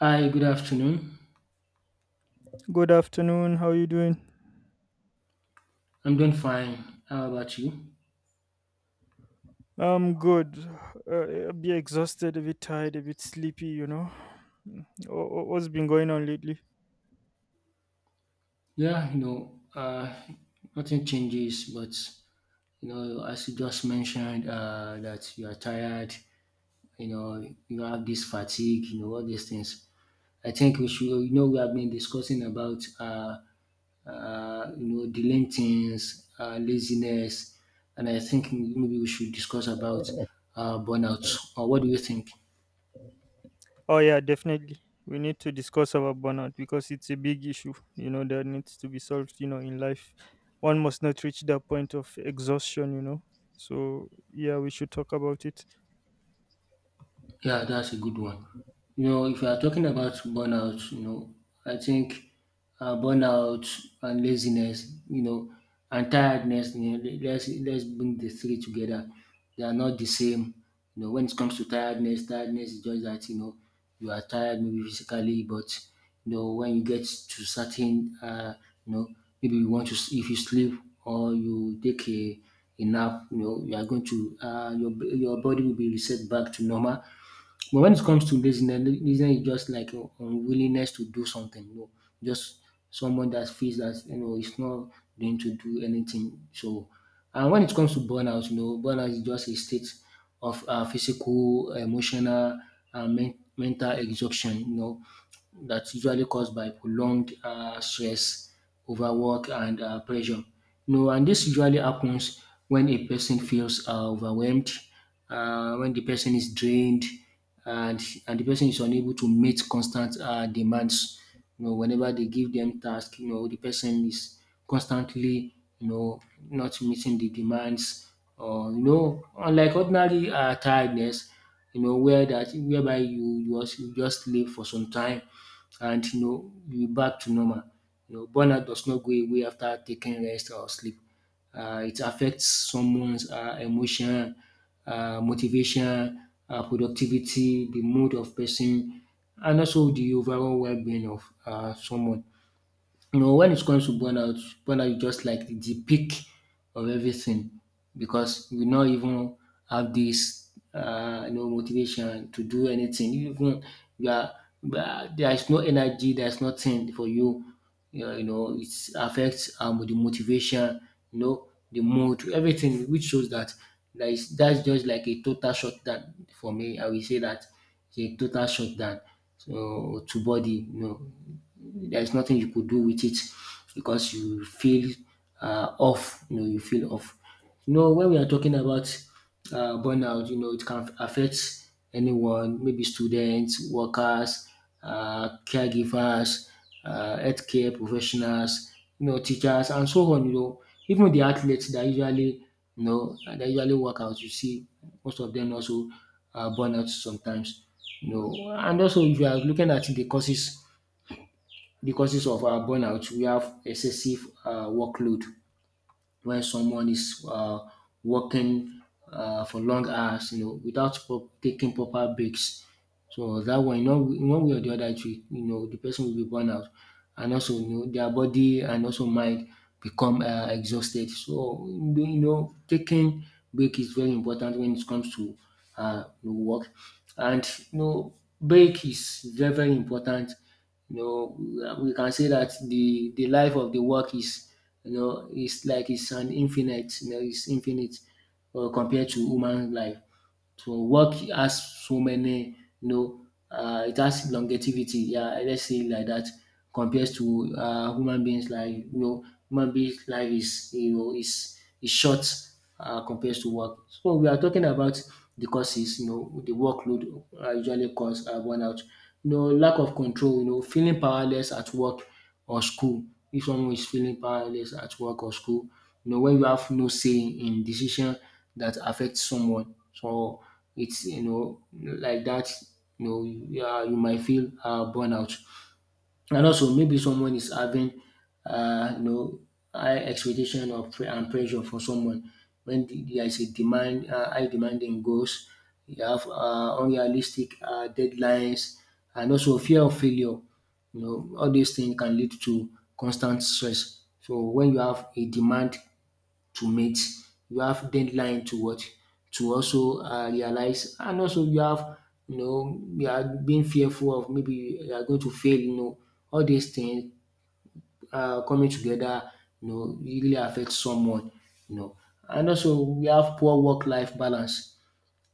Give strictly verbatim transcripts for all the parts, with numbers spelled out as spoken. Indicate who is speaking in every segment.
Speaker 1: Hi, good afternoon.
Speaker 2: Good afternoon. How you doing?
Speaker 1: I'm doing fine. How about you?
Speaker 2: I'm good. Uh, a bit exhausted, a bit tired, a bit sleepy, you know. Mm. Wha- wha- What's been going on lately?
Speaker 1: Yeah, you know, uh, nothing changes, but you know, as you just mentioned, uh, that you are tired, you know, you have this fatigue, you know, all these things. I think we should, you know, we have been discussing about, uh, uh, you know, delaying things, uh, laziness, and I think maybe we should discuss about uh, burnout. Or what do you think?
Speaker 2: Oh, yeah, definitely. We need to discuss about burnout because it's a big issue, you know, that needs to be solved, you know, in life. One must not reach that point of exhaustion, you know. So, yeah, we should talk about it.
Speaker 1: Yeah, that's a good one. You know, if you are talking about burnout, you know, I think uh, burnout and laziness, you know, and tiredness, you know, le- let's let's bring the three together. They are not the same. You know, when it comes to tiredness, tiredness is just that you know you are tired maybe physically, but you know when you get to certain, uh, you know, maybe you want to s- if you sleep or you take a a nap, you know, you are going to uh, your b- your body will be reset back to normal. But when it comes to laziness, la- laziness is just like un- unwillingness to do something. You know, just someone that feels that you know it's not going to do anything. So, and when it comes to burnout, you know, burnout is just a state of uh, physical, emotional, and men- mental exhaustion. You know, that's usually caused by prolonged um stress, overwork, and um pressure. No, and this usually happens when a person feels um overwhelmed, um when the person is drained and and the person is unable to meet constant um demands. You know, whenever they give them task, you know, the person is constantly, you know, not meeting the demands, or you know, unlike ordinary um tiredness, you know, where that whereby you you just you just sleep for some time, and you know you back to normal. You know, burnout does not go away after taking rest or sleep. Uh, it affects someone's uh, emotion, uh, motivation, uh, productivity, the mood of person, and also the overall well-being of uh, someone. You know, when it comes to burnout, burnout is just like the peak of everything because we not even have this, uh, you know, motivation to do anything. Even you are, uh, there is no energy, there is nothing for you. You know, you know, it affects um, the motivation, you know, the mood, everything, which shows that there is that's just like a total shutdown for me. I will say that it's a total shutdown so to body. You know, there's nothing you could do with it because you feel uh, off. You know, you feel off. You know, when we are talking about uh, burnout, you know, it can affect anyone, maybe students, workers, uh, caregivers, uh, healthcare professionals, you know, teachers, and so on. You know, even the athletes that usually, you know, that usually work out, you see, most of them also uh, burn out sometimes. You know, and also if you are looking at the causes because of our burnout, we have excessive uh, workload when someone is uh, working uh, for long hours, you know, without pro- taking proper breaks. So that one, you know, in one way or the other, it will, you know, the person will be burned out, and also, you know, their body and also mind become uh, exhausted. So, you know, taking break is very important when it comes to uh, you know, work, and you know, break is very very important. You know, we can say that the the life of the work is you know, it's like it's an infinite, you know, it's infinite uh, compared to human life. So work has so many, you know, uh, it has longevity. Yeah, let's say it like that compared to uh, human beings. Like you know, human beings' life is you know is is short uh, compared to work. So we are talking about the causes. You know, the workload uh, usually cause uh, burnout. You know, lack of control. You know, feeling powerless at work or school if someone is feeling powerless at work or school. You know, when you have no say in decision that affects someone, so it's you know like that. You know, yeah, you might feel uh, burnout. And also, maybe someone is having, uh, you know, high expectation or pre- and pressure for someone when the- there is a demand, uh, high demanding goals. You have uh, unrealistic uh, deadlines, and also fear of failure. You know, all these things can lead to constant stress. So when you have a demand to meet. You have deadline to what to also uh, realize, and also you have you know you are being fearful of maybe you are going to fail. You know all these things uh, coming together, you know, really affect someone. You know, and also we have poor work-life balance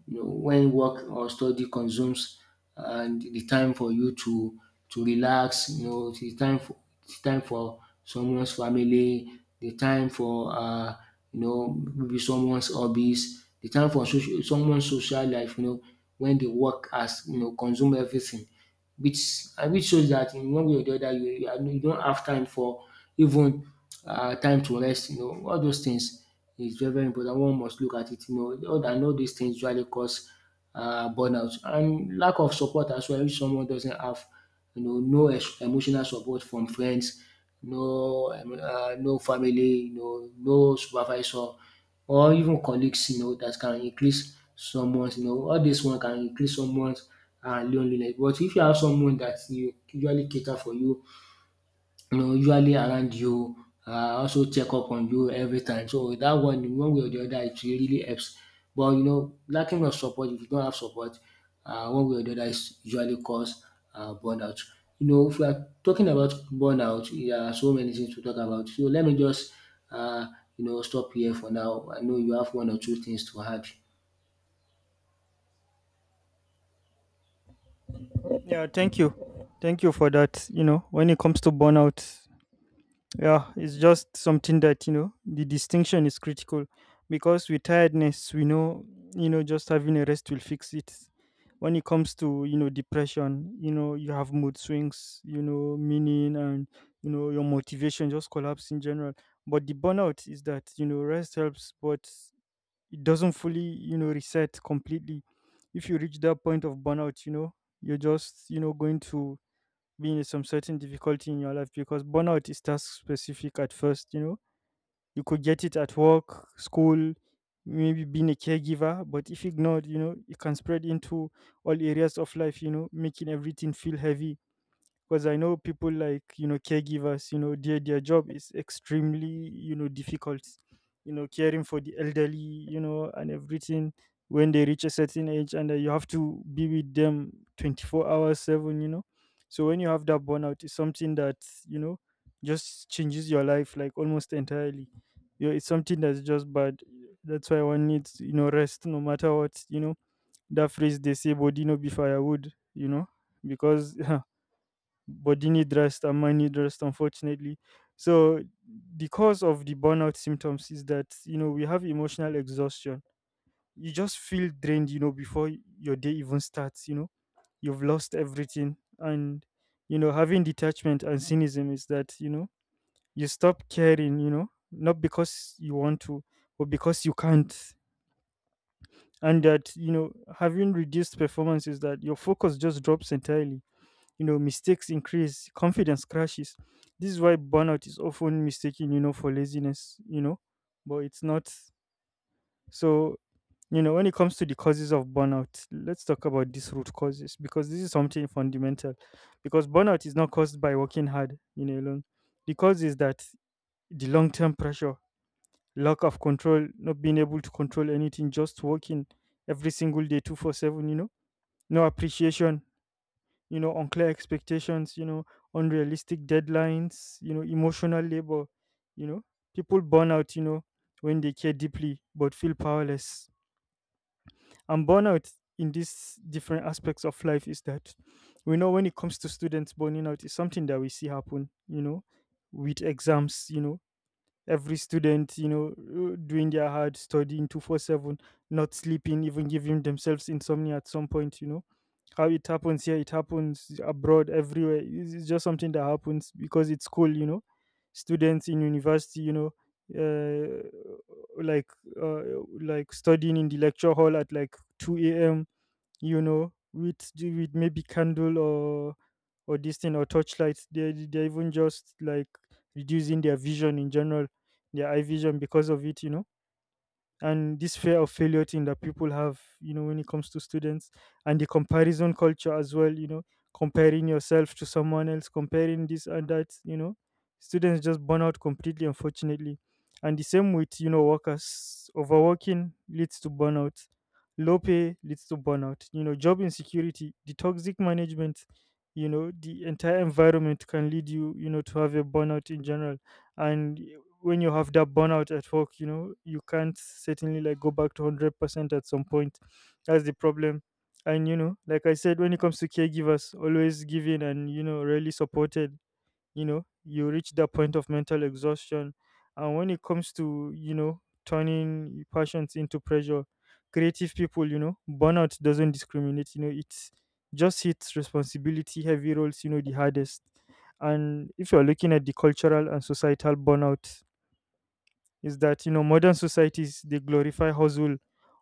Speaker 1: you know, when work or study consumes and the time for you to to relax, you know, the time for the time for someone's family, the time for uh, you know maybe someone's hobbies, the time for social, someone's social life. You know, when the work has you know consume everything, which and which shows that in one way or the other you you are- you don't have time for even um time to rest you know. All those things is very very important one must look at it you know all, and all these things usually cause um burnout, and lack of support as well if someone doesn't have you know no es- emotional support from friends, no um uh, no family, you know, no supervisor or even colleagues you know that can increase someone's you know all this one can increase someone's um loneliness. But if you have someone that you usually cater for you, you know, usually around you, uh, also check up on you every time. So that one, one way or the other, it really helps. But you know, lacking of support, if you don't have support, uh, one way or the other is usually cause uh, burnout. You know, if we are talking about burnout, there are so many things to talk about. So let me just, uh, you know, stop here for now. I know you have one or two things to add.
Speaker 2: Yeah, thank you. Thank you for that. You know, when it comes to burnout, yeah, it's just something that, you know, the distinction is critical because with tiredness, we know, you know, just having a rest will fix it. When it comes to, you know, depression, you know, you have mood swings, you know, meaning and, you know, your motivation just collapse in general. But the burnout is that, you know, rest helps, but it doesn't fully, you know, reset completely. If you reach that point of burnout, you know, you're just, you know, going to being some certain difficulty in your life because burnout is task specific at first, you know. You could get it at work, school, maybe being a caregiver, but if ignored, you know, it can spread into all areas of life, you know, making everything feel heavy, because I know people like you know caregivers. you know their their job is extremely you know difficult, you know caring for the elderly, you know and everything, when they reach a certain age, and uh, you have to be with them twenty-four hours seven, you know so when you have that burnout, it's something that you know just changes your life, like almost entirely. you know, it's something that's just bad. That's why one needs, you know rest, no matter what. you know that phrase they say, body no be firewood, you know because Bodini dressed and money dressed, unfortunately. So the cause of the burnout symptoms is that you know we have emotional exhaustion. You just feel drained, you know, before your day even starts. You know, you've lost everything, and you know having detachment and cynicism is that you know you stop caring. You know, not because you want to, but because you can't. And that you know having reduced performance is that your focus just drops entirely, you know mistakes increase, confidence crashes. This is why burnout is often mistaken, you know for laziness, you know but it's not. So you know when it comes to the causes of burnout, let's talk about these root causes, because this is something fundamental, because burnout is not caused by working hard, you know alone. The cause is that the long-term pressure, lack of control, not being able to control anything, just working every single day twenty-four seven, you know no appreciation, you know, unclear expectations, you know, unrealistic deadlines, you know, emotional labor, you know, people burn out, you know, when they care deeply but feel powerless. And burnout in these different aspects of life is that we know when it comes to students, burning out is something that we see happen, you know, with exams. You know, every student, you know, uh, doing their hard studying twenty-four seven, not sleeping, even giving themselves insomnia at some point. you know how it happens here, it happens abroad, everywhere. It's it's just something that happens because it's cool, you know. Students in university, you know, uh, like uh, like studying in the lecture hall at like two a m. You know, with the- with maybe candle, or or this thing, or torchlight. They they're even just like reducing their vision in general, their eye vision, because of it. You know and this fear of failure thing that people have, you know when it comes to students, and the comparison culture as well, you know comparing yourself to someone else, comparing this and that, you know students just burn out completely, unfortunately. And the same with, you know workers overworking leads to burnout, low pay leads to burnout, you know job insecurity, the toxic management, you know the entire environment can lead you, you know to have a burnout in general. And when you have that burnout at work, you know, you can't certainly like go back to hundred percent at some point. That's the problem. And you know, like I said, when it comes to caregivers, always giving and, you know, really supported, you know, you reach that point of mental exhaustion. And when it comes to, you know, turning passions into pressure, creative people, you know, burnout doesn't discriminate, you know, it's just hits responsibility, heavy roles, you know, the hardest. And if you're looking at the cultural and societal burnout, is that you know modern societies, they glorify hustle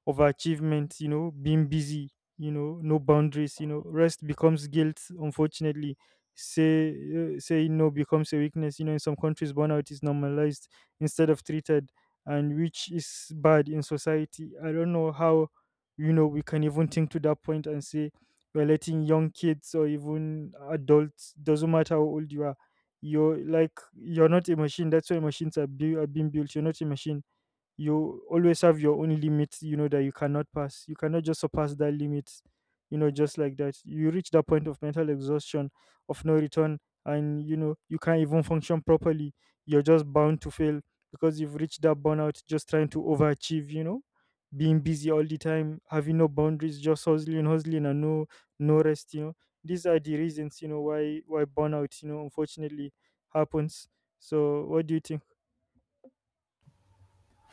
Speaker 2: over achievement, you know being busy, you know no boundaries, you know rest becomes guilt, unfortunately. Say, uh, saying no becomes a weakness. You know in some countries, burnout is normalized instead of treated, and which is bad in society. I don't know how, you know we can even think to that point, and say we're letting young kids, or even adults, doesn't matter how old you are. You're like, you're not a machine. That's why machines are, bui- are being built. You're not a machine, you always have your own limits, you know that you cannot pass, you cannot just surpass that limit, you know just like that you reach that point of mental exhaustion, of no return. And you know you can't even function properly, you're just bound to fail, because you've reached that burnout, just trying to overachieve, you know being busy all the time, having no boundaries, just hustling, hustling, and no no rest, you know these are the reasons, you know why why burnout, you know unfortunately, happens. So what do you think?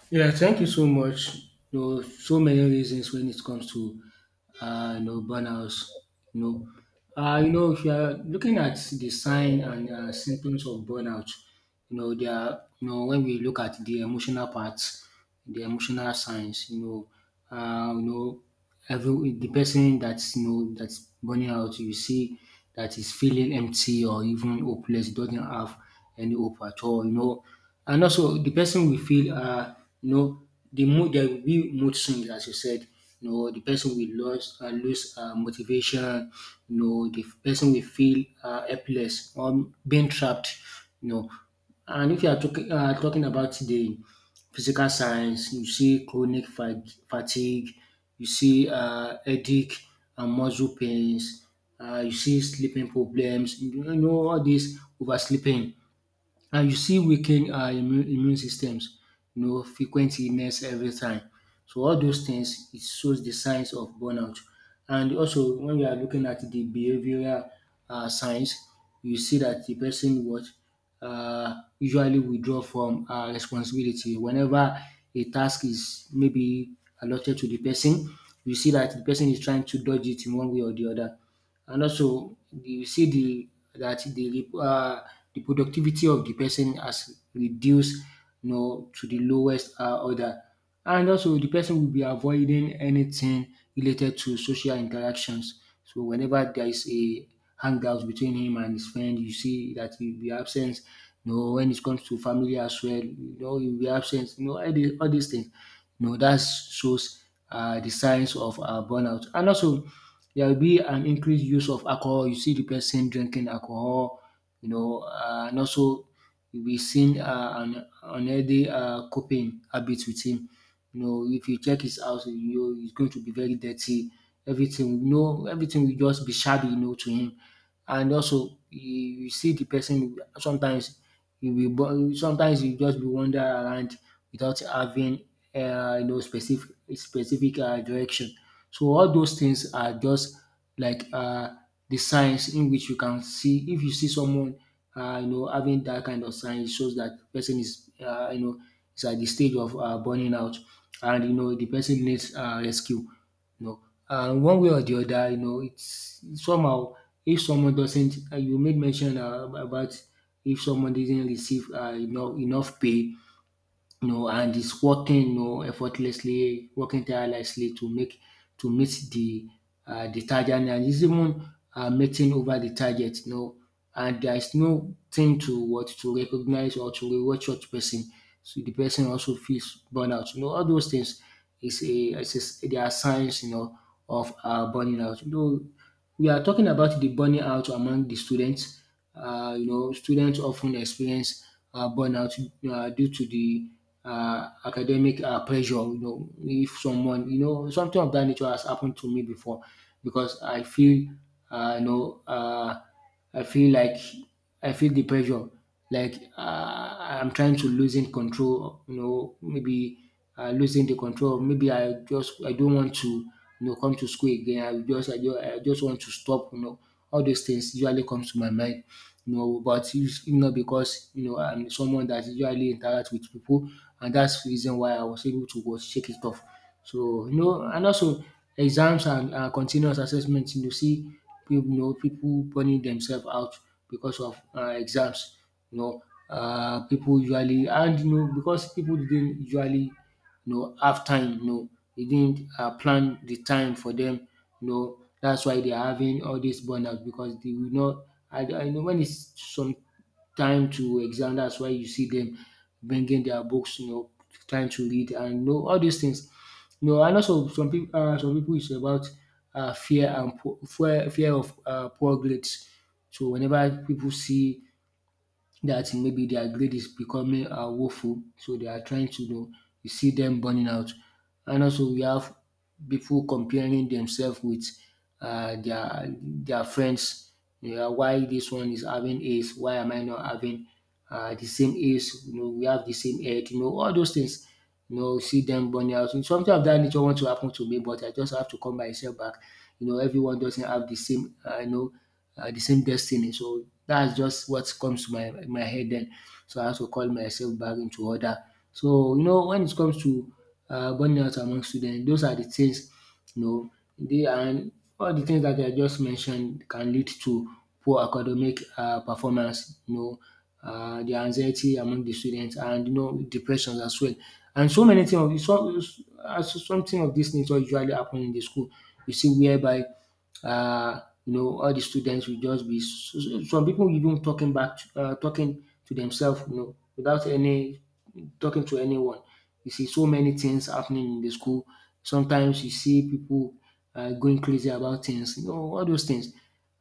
Speaker 1: Yeah, thank you so much. You know, so many reasons when it comes to uh, you know burnouts. You know, uh, you know if you are looking at the sign and uh, symptoms of burnout, you know there are you know when we look at the emotional parts, the emotional signs, you know, uh, you know every the person that's you know that's burning out, you see that is feeling empty or even hopeless, doesn't have any hope at all. You know, and also the person will feel uh you know the mood there will be mood swings as you said. You know, the person will lose uh, lose uh, motivation. You know, the person will feel uh, helpless or being trapped. You know, and if you are talking uh, talking about the physical signs, you see chronic fat- fatigue, you see uh, headache and muscle pains, uh, you see sleeping problems, you know all this oversleeping, uh, you see weaken uh, immune, immune systems, you know, frequent illness every time. So all those things, it shows the signs of burnout. And also, when we are looking at the behavioral uh, signs, you see that the person what uh, usually withdraw from uh, responsibility. Whenever a task is maybe allotted to the person, you see that the person is trying to dodge it in one way or the other. And also, you see the that the rep- uh, the productivity of the person has reduced you know, to the lowest uh, order. And also, the person will be avoiding anything related to social interactions. So, whenever there is a hangout between him and his friend, you see that he'll be absent. You know, when it comes to family as well, you know, he'll be absent. You know, all, the, all these things. You know, that shows uh, the signs of uh, burnout. And also, there will be an increased use of alcohol. You see the person drinking alcohol, you know, uh, and also you'll be seeing uh, an unhealthy uh, coping habit with him. You know, if you check his house, you know, it's going to be very dirty. Everything, you know, everything will just be shabby, you know, to him. And also, you, you see the person sometimes you will, bo- sometimes you just be wander around without having, uh, you know, specific specific uh, direction. So all those things are just like uh, the signs in which you can see. If you see someone uh, you know, having that kind of sign, it shows that person is, uh, you know, is at the stage of uh, burning out, and you know the person needs uh, rescue. You know, and one way or the other, you know, it's somehow if someone doesn't, uh, you made mention uh, about, if someone didn't receive uh, enough enough pay, you know, and is working, you know, effortlessly, working tirelessly to make to meet the uh, the target, and is even uh, meeting over the target. You know, and there is no thing to what to recognize or to reward such person. So the person also feels burnout. You know, all those things is a, is a- they are signs. You know, of uh, burning out. Though we are talking about the burning out among the students. Uh, you know, students often experience uh, burnout uh, due to the uh, academic uh, pressure. You know, if someone, you know, something of that nature has happened to me before, because I feel, uh, you know, uh, I feel like I feel the pressure, like uh, I'm trying to losing control, you know, maybe uh, losing the control. Maybe I just I don't want to, you know, come to school again. I just I just, I just want to stop. You know, all those things usually comes to my mind. You know, but it's not, because you know I'm someone that usually interact with people, and that's the reason why I was able to go shake it off. So, you know, and also exams and uh, continuous assessments. You see people, you know, people burning themselves out because of uh, exams. You know, uh, people usually, and you know, because people didn't usually, you know, have time, you know, they didn't uh, plan the time for them, you know, that's why they are having all this burnout, because they will not, I, I know when it's some time to exam. That's why you see them bringing their books, you know, trying to read and you know all these things. No, and also some people, uh, some people is about uh, fear and po- fear, fear of uh, poor grades. So whenever people see that maybe their grade is becoming uh, woeful, so they are trying to, you know, you see them burning out. And also, we have people comparing themselves with uh, their their friends. You know, why this one is having A's? Why am I not having uh, the same A's? You know, we have the same head. You know, all those things. You know, see them burning out. And something of that nature wants to happen to me, but I just have to come myself back. You know, everyone doesn't have the same. Uh, you know, uh, the same destiny. So that's just what comes to my my head then. So I have to call myself back into order. So you know, when it comes to uh, burnout among students, those are the things, you know, they and all the things that I just mentioned can lead to poor academic uh, performance. You know, uh, the anxiety among the students, and you know depressions as well. And so many things of so, uh, so something of this nature usually happen in the school. You see whereby uh, you know, all the students will just be so, so- some people even talking back, to, uh, talking to themselves, you know, without any talking to anyone. You see so many things happening in the school. Sometimes you see people uh, going crazy about things, you know, all those things.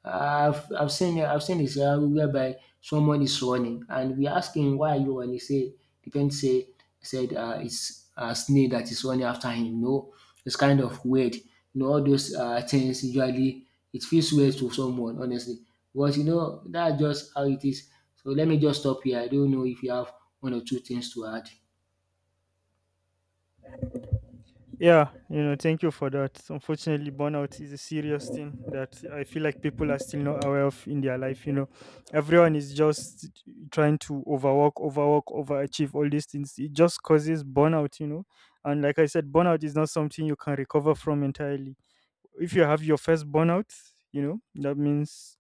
Speaker 1: I've I've seen I've seen this uh, whereby someone is running and we ask him, why are you running? He say the parent say said uh, it's a snake that is running after him. No, it's kind of weird. You know, all those uh, things usually it feels weird to someone, honestly. But you know, that's just how it is. So let me just stop here. I don't know if you have one or two things to add.
Speaker 2: Yeah, you know, thank you for that. Unfortunately, burnout is a serious thing that I feel like people are still not aware of in their life. You know, everyone is just trying to overwork, overwork, overachieve all these things. It just causes burnout, you know. And like I said, burnout is not something you can recover from entirely. If you have your first burnout, you know, that means,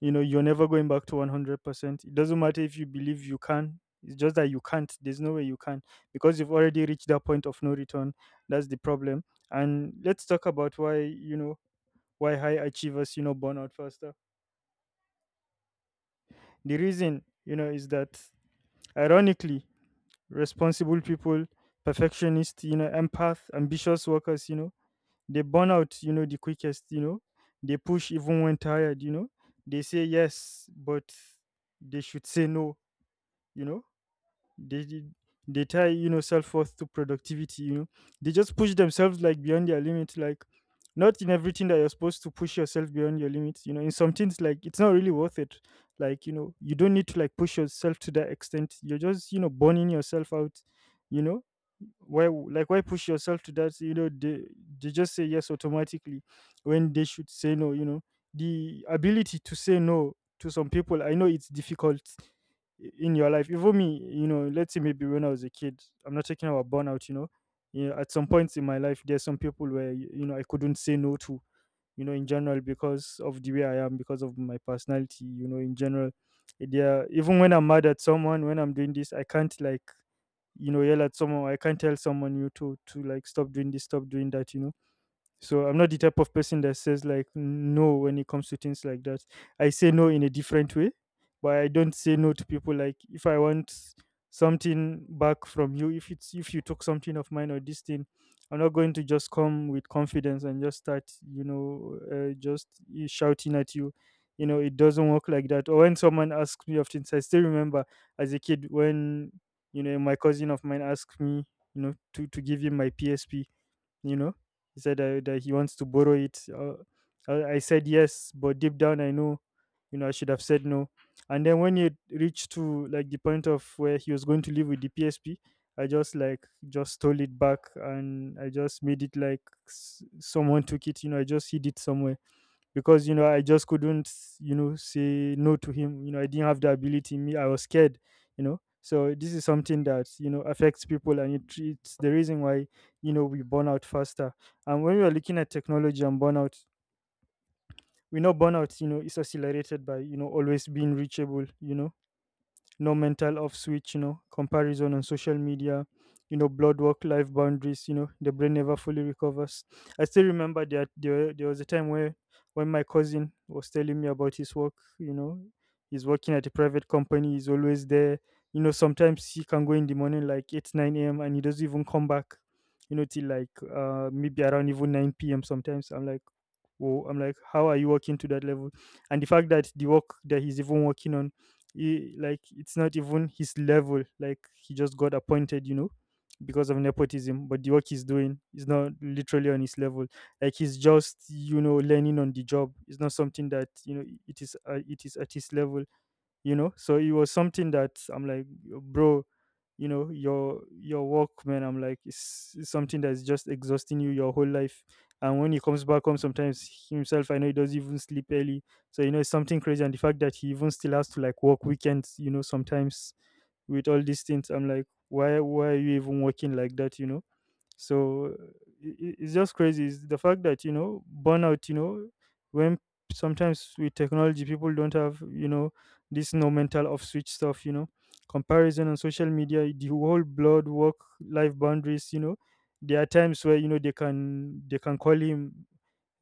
Speaker 2: you know, you're never going back to one hundred percent. It doesn't matter if you believe you can. It's just that you can't. There's no way you can, because you've already reached that point of no return. That's the problem. And let's talk about why, you know, why high achievers, you know, burn out faster. The reason, you know, is that ironically, responsible people, perfectionists, you know, empath, ambitious workers, you know, they burn out, you know, the quickest, you know, they push even when tired, you know, they say yes, but they should say no, you know, They did they tie, you know, self worth to productivity, you know. They just push themselves like beyond their limit, like not in everything that you're supposed to push yourself beyond your limits, you know. In some things like it's not really worth it. Like, you know, you don't need to like push yourself to that extent. You're just, you know, burning yourself out, you know why w- like why push yourself to that, you know they they just say yes automatically when they should say no, you know the ability to say no to some people I know it's difficult, i- in your life, even me, you know let's say maybe when I was a kid, I'm not talking about burnout, you know yeah, at some points in my life there's some people where y- you know I couldn't say no to, you know in general, because of the way I am, because of my personality, you know in general. Yeah, even when I'm mad at someone, when I'm doing this, I can't like you know yell at someone. I can't tell someone you to to like stop doing this, stop doing that, you know so I'm not the type of person that says like no when it comes to things like that. I say no in a different way, but I don't say no to people, like if I want something back from you, if it's if you took something of mine or this thing, I'm not going to just come with confidence and just start, you know, uh, just y- shouting at you. You know, it doesn't work like that. Or when someone asks me of things, I still remember as a kid when you know my cousin of mine asked me, you know, to to give him my P S P. You know, he said uh, that he wants to borrow it uh, i I said yes, but deep down I know you know I should have said no. And then when it reached to like the point of where he was going to leave with the PSP, I just like just stole it back, and I just made it like s- someone took it. You know, I just hid it somewhere because you know I just couldn't you know say no to him. You know, I didn't have the ability. In me, I was scared. You know, so this is something that you know affects people, and it, it's the reason why you know we burn out faster. And when we are looking at technology and burnout, we know burnout you know is accelerated by you know always being reachable. You know, no mental off switch, you know, comparison on social media, you know, blood work, life boundaries, you know, the brain never fully recovers. I still remember that there, there was a time where when my cousin was telling me about his work, you know, he's working at a private company, he's always there. You know, sometimes he can go in the morning like eight, nine a m and he doesn't even come back, you know, till like uh, maybe around even nine p m sometimes. I'm like, whoa, I'm like, how are you working to that level? And the fact that the work that he's even working on, he, like, it's not even his level. Like, he just got appointed, you know, because of nepotism. But the work he's doing is not literally on his level. Like, he's just, you know, learning on the job. It's not something that you know it is. Uh, it is at his level, you know, so it was something that I'm like, bro, you know, your your work, man, I'm like it's, it's something that's just exhausting you your whole life. And when he comes back home sometimes himself I know he doesn't even sleep early. So you know it's something crazy, and the fact that he even still has to like work weekends, you know, sometimes. With all these things I'm like, why why are you even working like that, you know. So i- it's just crazy. It's the fact that, you know, burnout, you know, when sometimes with technology, people don't have, you know, this no mental off switch stuff, you know, comparison on social media, the whole blood work life boundaries, you know, there are times where, you know, they can, they can call him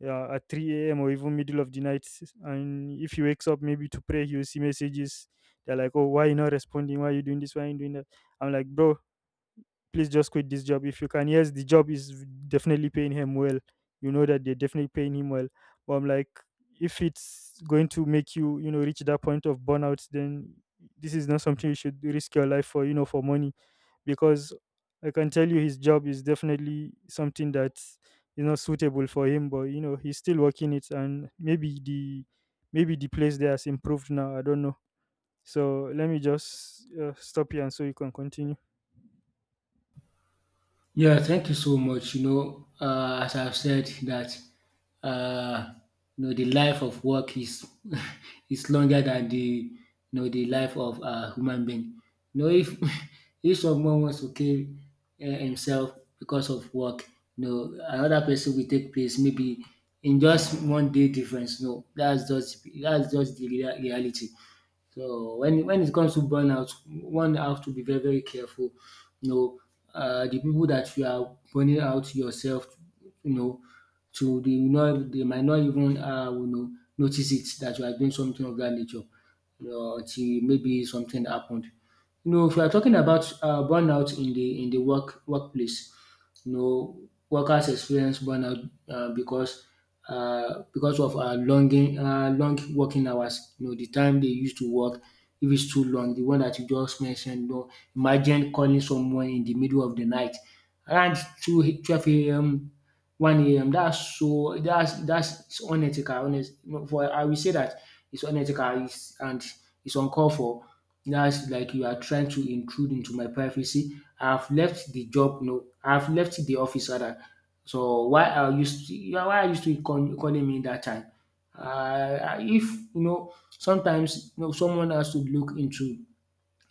Speaker 2: uh, at three a m or even middle of the night. And if he wakes up maybe to pray, he will see messages. They're like, oh, why you not responding? Why you doing this? Why you doing that? I'm like, bro, please just quit this job if you can. Yes, the job is definitely paying him well. You know that they're definitely paying him well. But I'm like, if it's going to make you, you know, reach that point of burnout, then this is not something you should risk your life for, you know, for money. Because I can tell you his job is definitely something that is not suitable for him, but you know, he's still working it. And maybe the maybe the place there has improved now. I don't know. So let me just uh, stop here and so you can continue.
Speaker 1: Yeah, thank you so much. You know, uh, as I've said that, uh, you know, the life of work is is longer than the you know the life of a human being. You know, if if someone wants to kill uh, himself because of work, you know, another person will take place maybe in just one day difference. No, that's just that's just the rea- reality. So when when it comes to burnout, one have to be very very careful. You know, uh, the people that you are burning out yourself, you know, to the not, they might not even, uh, you know notice it that you are doing something of that nature. You know, until maybe something happened. You know, if you are talking about uh, burnout in the in the work workplace, no, workers experience burnout uh, because uh, because of uh, longing, uh, long working hours. You know, the time they used to work, if it's too long, the one that you just mentioned. You know, imagine calling someone in the middle of the night around two, a- twelve a m, one a m. That's so that's that's It's unethical. Honest, you know, for I will say that it's unethical it's, and it's uncalled for. That's like you are trying to intrude into my privacy. I've left the job, no, I've left the office rather. So why are you still why are you still call, calling me that time? Uh, if, you know, sometimes you know someone has to look into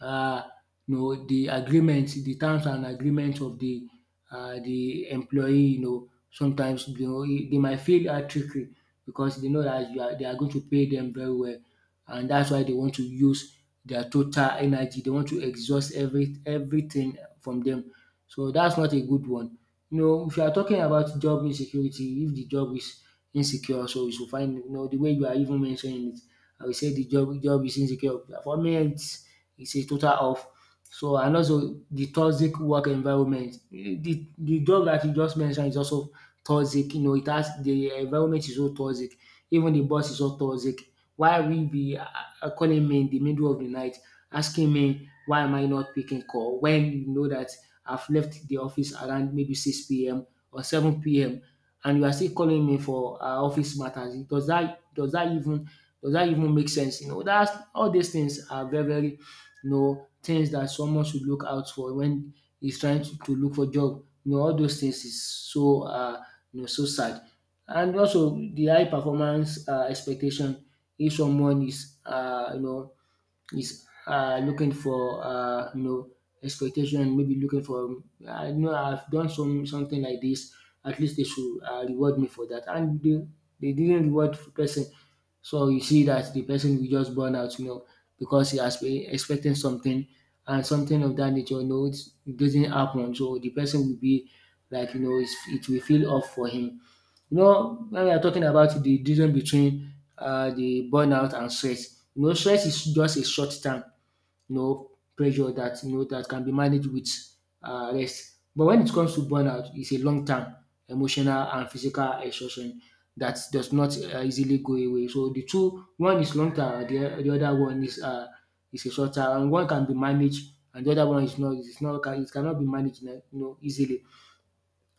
Speaker 1: um you know the agreements, the terms and agreements of the um the employee. You know, sometimes you know, e- they might feel dat trickery, because they know that you are they are going to pay them very well, and that's why they want to use their total energy, they want to exhaust every everything from them. So that's not a good one. You know, if you are talking about job insecurity, if the job is insecure, so you should find, you know, the way you are even mentioning it, I will say the job job is insecure. For me, it's it's a total off. So and also the toxic work environment. The the job that you just mentioned is also toxic. You know, it has the environment is so toxic. Even the boss is so toxic. Why we be uh, uh, calling me in the middle of the night, asking me why am I not picking call, when you know that I've left the office around maybe six p m or seven p m and you are still calling me for uh, office matters. Does that does that even does that even make sense? You know dats all these things are very very, you know, things that someone should look out for when he's trying to to look for job. You know all those things is so uh, you know so sad. And also the high performance uh expectation, if someone is uh, you know is uh, looking for, uh, you know expectation, maybe looking for, I know I've done some something like this. At least they should uh, reward me for that, and they, they didn't reward the person. So you see that the person will just burn out, you know, because he has been expecting something, and something of that nature, you know, it's- it doesn't happen. So the person will be like, you know, it's, it will feel off for him. You know, when we are talking about the difference between um the burnout and stress, you know stress is just a short term, you know pressure, that you know that can be managed with um rest. But when it comes to burnout, it's a long term emotional and physical exhaustion that does not um easily go away. So the two, one is long term, the the other one is uh is a short term, and one can be managed and the other one is not is not it cannot be managed, you know, easily.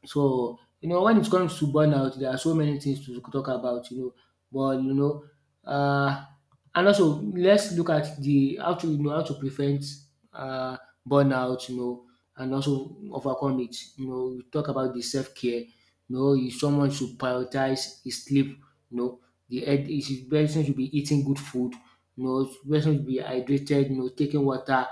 Speaker 1: So, you know, when it comes to burnout, there are so many things to talk about, you know, but you know, uh, and also let's look at the how to, you know, how to prevent uh, burnout, you know, and also overcome it. You know, we talk about the self care. You know, if someone should prioritize his sleep. You know, the head is the person should be eating good food. You know, person should be hydrated. You know, taking water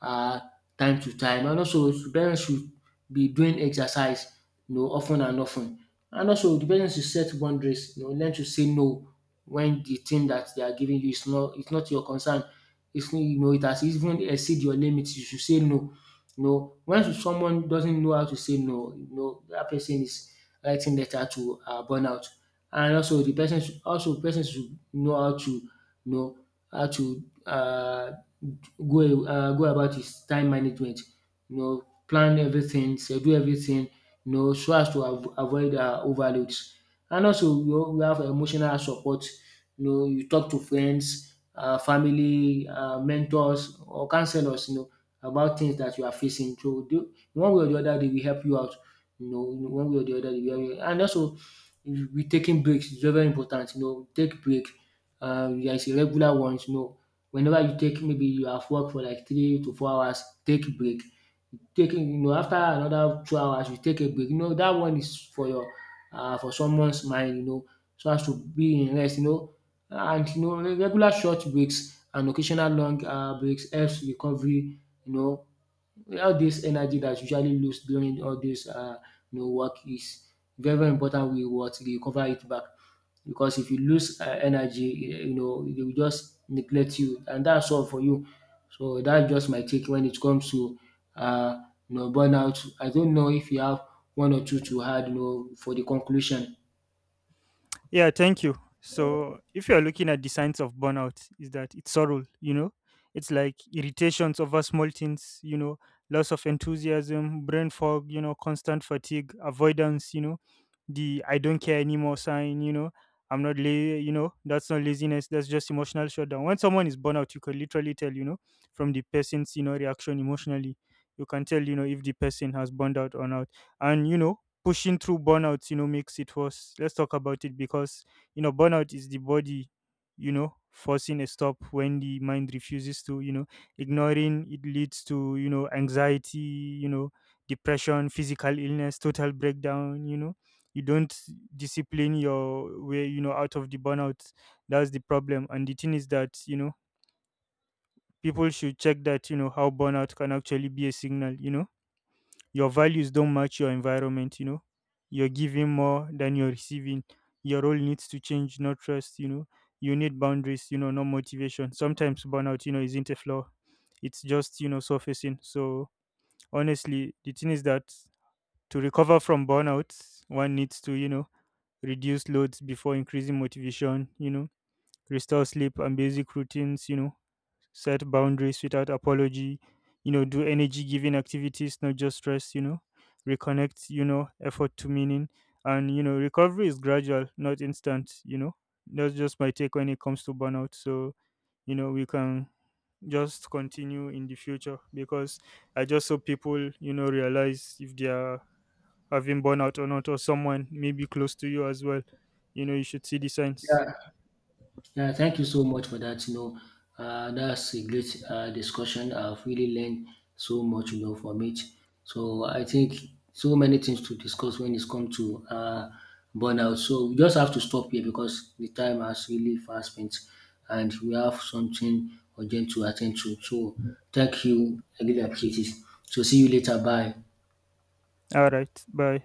Speaker 1: uh, time to time, and also person should be doing exercise, you know, of and often. And also the person should set boundaries, you know, learn to say no when the thing that they are giving you is not its not your concern. It's not, you know, it has even exceed your limits, you should say no. You know, when someone doesn't know how to say no, you know, that person is writing letter to uh, burnout. And also the person should, also person should know how to, you know, how to uh, go uh, go about his time management. You know, plan everything, schedule everything, you know, so as to av- avoid uh, overloads. And also, you know, we have emotional support. You know, you talk to friends, uh, family, uh, mentors, or counselors, you know, about things that you are facing. So, the- one way or the other, they will help you out. You know, one way or the other, they will help you. And also, we taking breaks is very very important. You know, take break. Um, there is a regular ones. You know, whenever you take, maybe you have work for like three to four hours, take break taking, you know, after another two hours you take a break, you know, that one is for your uh for someone's mind, you know, so as to be in rest, you know. And you know regular short breaks and occasional long uh breaks helps recovery, you know, all this energy that's usually lost during all this uh, you know work is very very important we what recover it back. Because if you lose um energy um you know they will just neglect you, and that's all for you. So that's just my take when it comes to uh, you know burnout. I don't know if you have one or two to add, you know, for the conclusion.
Speaker 2: Yeah, thank you. So, if you're looking at the signs of burnout, is that it's sorrow, you know, it's like irritations over small things, you know, loss of enthusiasm, brain fog, you know, constant fatigue, avoidance, you know, the I don't care anymore sign, you know, I'm not, la- you know, that's not laziness, that's just emotional shutdown. When someone is burnout, you can literally tell, you know, from the person's, you know, reaction emotionally, you can tell, you know, if the person has burned out or not. And, you know, pushing through burnout, you know, makes it worse. Let's talk about it because, you know, burnout is the body, you know, forcing a stop when the mind refuses to, you know, ignoring it leads to, you know, anxiety, you know, depression, physical illness, total breakdown, you know. You don't discipline your way, you know, out of the burnout. That's the problem. And the thing is that, you know, people should check that, you know, how burnout can actually be a signal, you know, your values don't match your environment, you know, you're giving more than you're receiving, your role needs to change, not trust, you know, you need boundaries, you know, no motivation, sometimes burnout you know isn't a flaw, it's just you know surfacing. So honestly the thing is that, to recover from burnout, one needs to you know reduce loads before increasing motivation, you know, restore sleep and basic routines, you know, set boundaries without apology, you know, do energy giving activities, not just stress. You know, reconnect, you know, effort to meaning. And, you know, recovery is gradual, not instant, you know. That's just my take when it comes to burnout. So, you know, we can just continue in the future because I just hope people, you know, realize if they are having burnout or not, or someone maybe close to you as well. You know, you should see the signs.
Speaker 1: Yeah, thank you so much for that. You know, uh, that's a great uh, discussion. I've really learned so much, you know, from it. So I think so many things to discuss when it's come to uh, burnout. So we just have to stop here because the time has really fast spent, and we have something urgent to attend to. So thank you. I really appreciate it. So see you later. Bye.
Speaker 2: All right. Bye.